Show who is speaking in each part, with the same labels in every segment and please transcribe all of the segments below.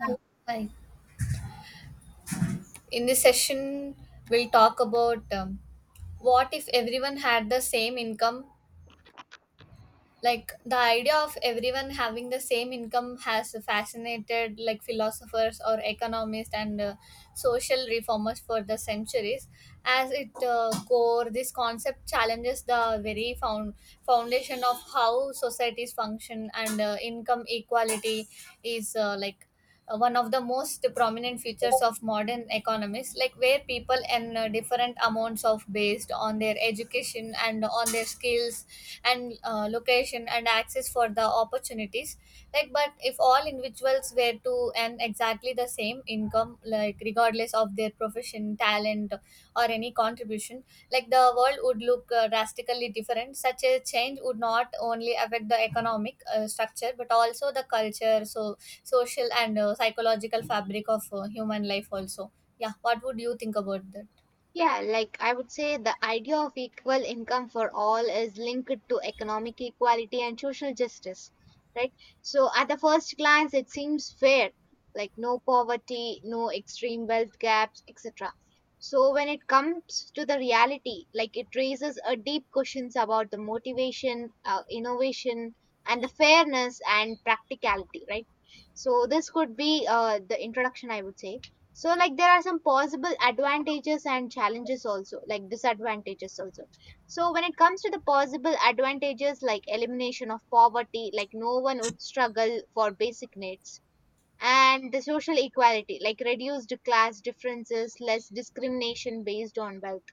Speaker 1: Uh, Hi. In this session, we'll talk about what if everyone had the same income, like the idea of everyone having the same income has fascinated like philosophers or economists and social reformers for the centuries as it core, this concept challenges the very foundation of how societies function, and income equality is like one of the most prominent features of modern economies, like where people earn different amounts of based on their education and on their skills and location and access for the opportunities, like but if all individuals were to earn exactly the same income, like regardless of their profession, talent or any contribution, like the world would look drastically different. Such a change would not only affect the economic structure but also the culture, so social and psychological fabric of human life also. Yeah, what would you think about that?
Speaker 2: Yeah, like I would say the idea of equal income for all is linked to economic equality and social justice, right? So at the first glance, it seems fair, like no poverty, no extreme wealth gaps, etc. So when it comes to the reality, like it raises a deep questions about the motivation, innovation, and the fairness and practicality, right? So this could be the introduction, I would say. So like there are some possible advantages and challenges also, like disadvantages also. So when it comes to the possible advantages, like elimination of poverty, like no one would struggle for basic needs, and the social equality, like reduced class differences, less discrimination based on wealth,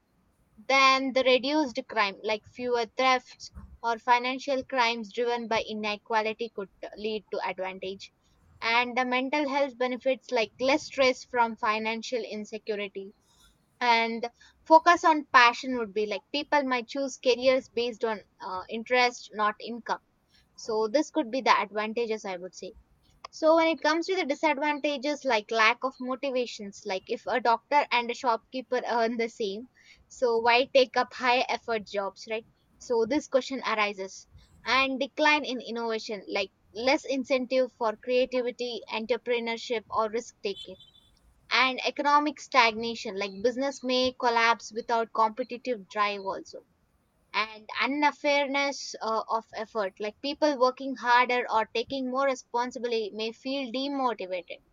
Speaker 2: then the reduced crime, like fewer thefts or financial crimes driven by inequality, could lead to advantage. And the mental health benefits, like less stress from financial insecurity and focus on passion, would be like people might choose careers based on interest, not income. So, this could be the advantages, I would say. So when it comes to the disadvantages, like lack of motivations, like if a doctor and a shopkeeper earn the same, so why take up high effort jobs, right? So this question arises, and decline in innovation, like less incentive for creativity, entrepreneurship or risk taking, and economic stagnation, like business may collapse without competitive drive also, and unfairness of effort, like people working harder or taking more responsibility may feel demotivated,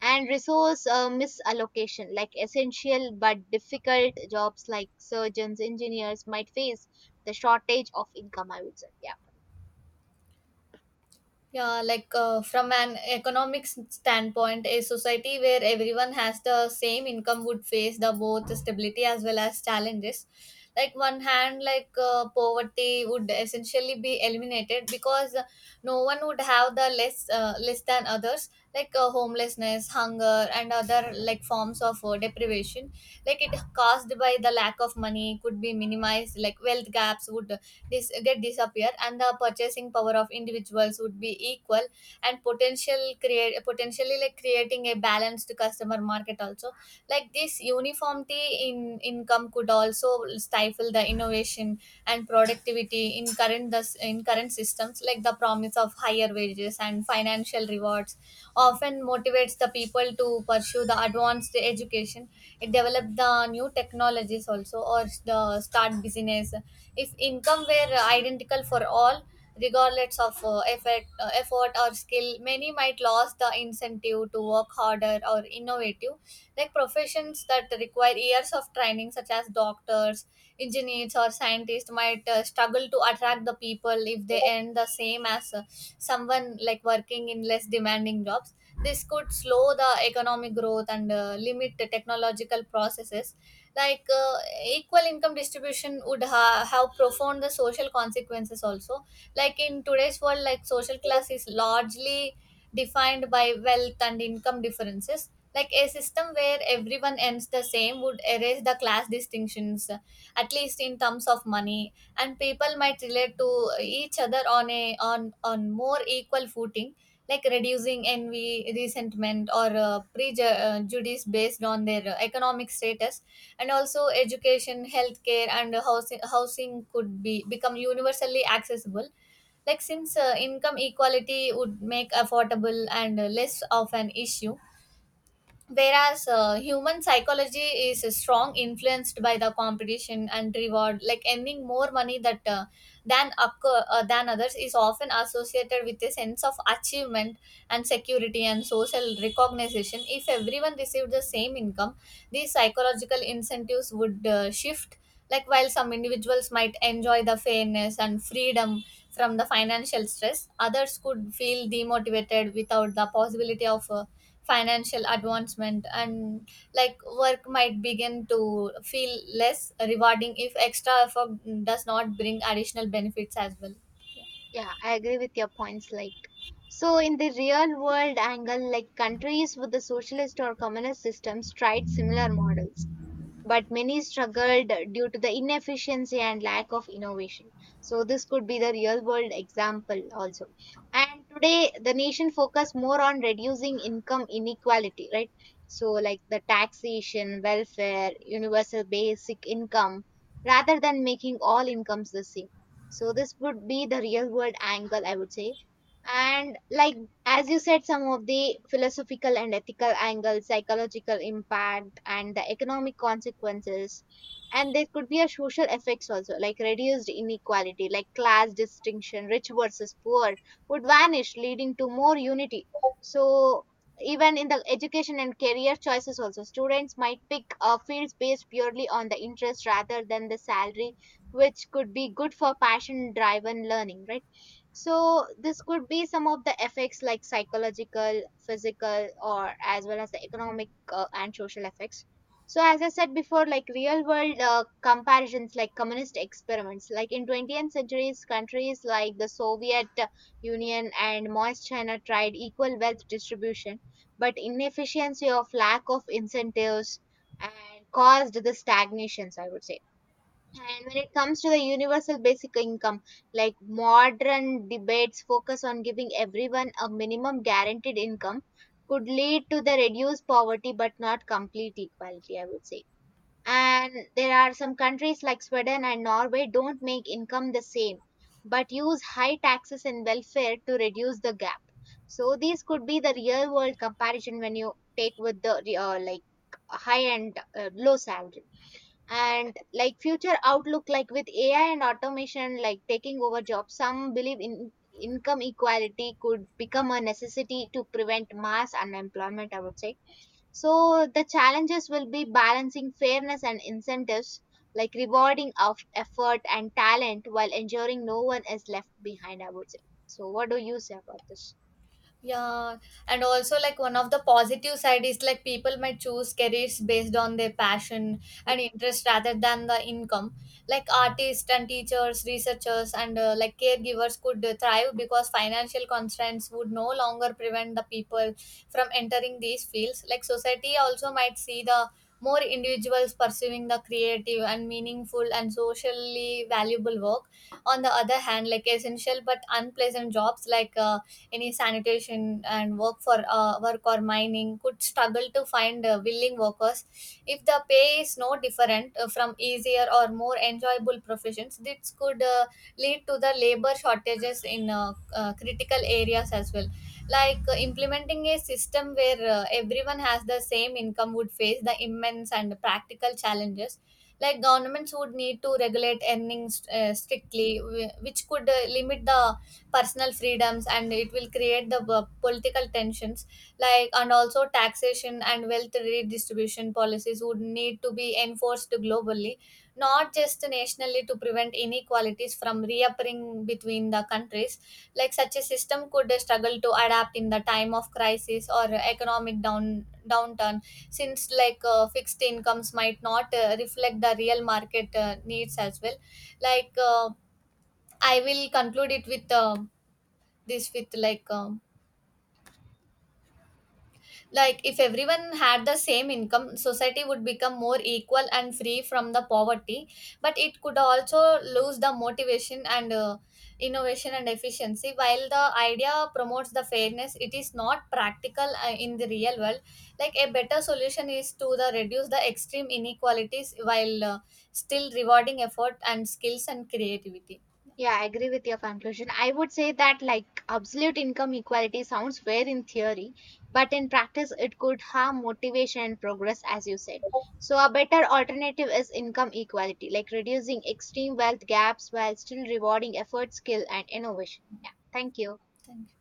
Speaker 2: and resource misallocation, like essential but difficult jobs like surgeons engineers might face the shortage of income, I would say. Yeah,
Speaker 1: Yeah, like from an economic standpoint, a society where everyone has the same income would face the both stability as well as challenges. Like one hand, like poverty would essentially be eliminated because no one would have the less than others, like homelessness, hunger, and other like forms of deprivation. Like it caused by the lack of money could be minimized. Like wealth gaps would get disappear, and the purchasing power of individuals would be equal and potentially like creating a balanced customer market also. Like this uniformity in income could also stifle the innovation and productivity in current thus in current systems, like the promise of higher wages and financial rewards often motivates the people to pursue the advanced education, it develop the new technologies also, or the start business. If income were identical for all regardless of effort or skill, many might lose the incentive to work harder or innovative. Like professions that require years of training such as doctors, engineers or scientists might struggle to attract the people if they earn the same as someone like working in less demanding jobs. This could slow the economic growth and limit the technological processes. Like equal income distribution would have profound the social consequences also, like in today's world, like social class is largely defined by wealth and income differences. Like a system where everyone ends the same would erase the class distinctions, at least in terms of money, and people might relate to each other on a on on more equal footing, like reducing envy, resentment, or prejudice based on their economic status. And also, education, healthcare, and housing could be become universally accessible, like since income equality would make affordable and less of an issue, whereas human psychology is strong influenced by the competition and reward, like earning more money that than others is often associated with a sense of achievement and security and social recognition. If everyone received the same income, these psychological incentives would shift. Like while some individuals might enjoy the fairness and freedom from the financial stress, others could feel demotivated without the possibility of financial advancement, and like work might begin to feel less rewarding if extra effort does not bring additional benefits as well.
Speaker 2: yeah, I agree with your points, like. So, in the real world angle, like countries with the socialist or communist systems tried similar models. But many struggled due to the inefficiency and lack of innovation. So this could be the real world example also. And today the nation focus more on reducing income inequality, right? So like the taxation, welfare, universal basic income, rather than making all incomes the same. So this would be the real world angle, I would say. And like, as you said, some of the philosophical and ethical angles, psychological impact, and the economic consequences. And there could be a social effects also, like reduced inequality, like class distinction, rich versus poor, would vanish, leading to more unity. So even in the education and career choices also, students might pick fields based purely on the interest rather than the salary, which could be good for passion-driven learning, right? So this could be some of the effects, like psychological, physical, or as well as the economic and social effects. So as I said before, like real world comparisons, like communist experiments, like in 20th centuries, countries like the Soviet Union and Maoist China tried equal wealth distribution, but inefficiency of lack of incentives and caused the stagnations, I would say. And when it comes to the universal basic income, like modern debates focus on giving everyone a minimum guaranteed income, could lead to the reduced poverty but not complete equality, I would say. And there are some countries like Sweden and Norway don't make income the same, but use high taxes and welfare to reduce the gap. So these could be the real world comparison when you take with the like high and low salary, and like future outlook, like with AI and automation, like taking over jobs, some believe in income equality could become a necessity to prevent mass unemployment, I would say. So the challenges will be balancing fairness and incentives, like rewarding of effort and talent while ensuring no one is left behind, I would say. So what do you say about this?
Speaker 1: Yeah, and also like one of the positive side is like people might choose careers based on their passion and interest rather than the income. Like artists and teachers, researchers, and like caregivers could thrive because financial constraints would no longer prevent the people from entering these fields. Like society also might see the more individuals pursuing the creative and meaningful and socially valuable work. On the other hand, like essential but unpleasant jobs like any sanitation and work or mining could struggle to find willing workers if the pay is no different from easier or more enjoyable professions. This could lead to the labor shortages in critical areas as well. Like implementing a system where everyone has the same income would face the immense and practical challenges. Like governments would need to regulate earnings strictly, which could limit the personal freedoms and it will create the political tensions. Like and also taxation and wealth redistribution policies would need to be enforced globally, not just nationally, to prevent inequalities from reappearing between the countries. Like such a system could struggle to adapt in the time of crisis or economic downturn, since like fixed incomes might not reflect the real market needs as well. Like I will conclude it with this with like if everyone had the same income, society would become more equal and free from the poverty, but it could also lose the motivation and innovation and efficiency. While the idea promotes the fairness, it is not practical in the real world. Like a better solution is to the reduce the extreme inequalities while still rewarding effort and skills and creativity.
Speaker 2: Yeah, I agree with your conclusion. I would say that like absolute income equality sounds fair in theory, but in practice it could harm motivation and progress as you said. So a better alternative is income equality, like reducing extreme wealth gaps while still rewarding effort, skill and innovation. Yeah. Thank you.
Speaker 1: Thank you.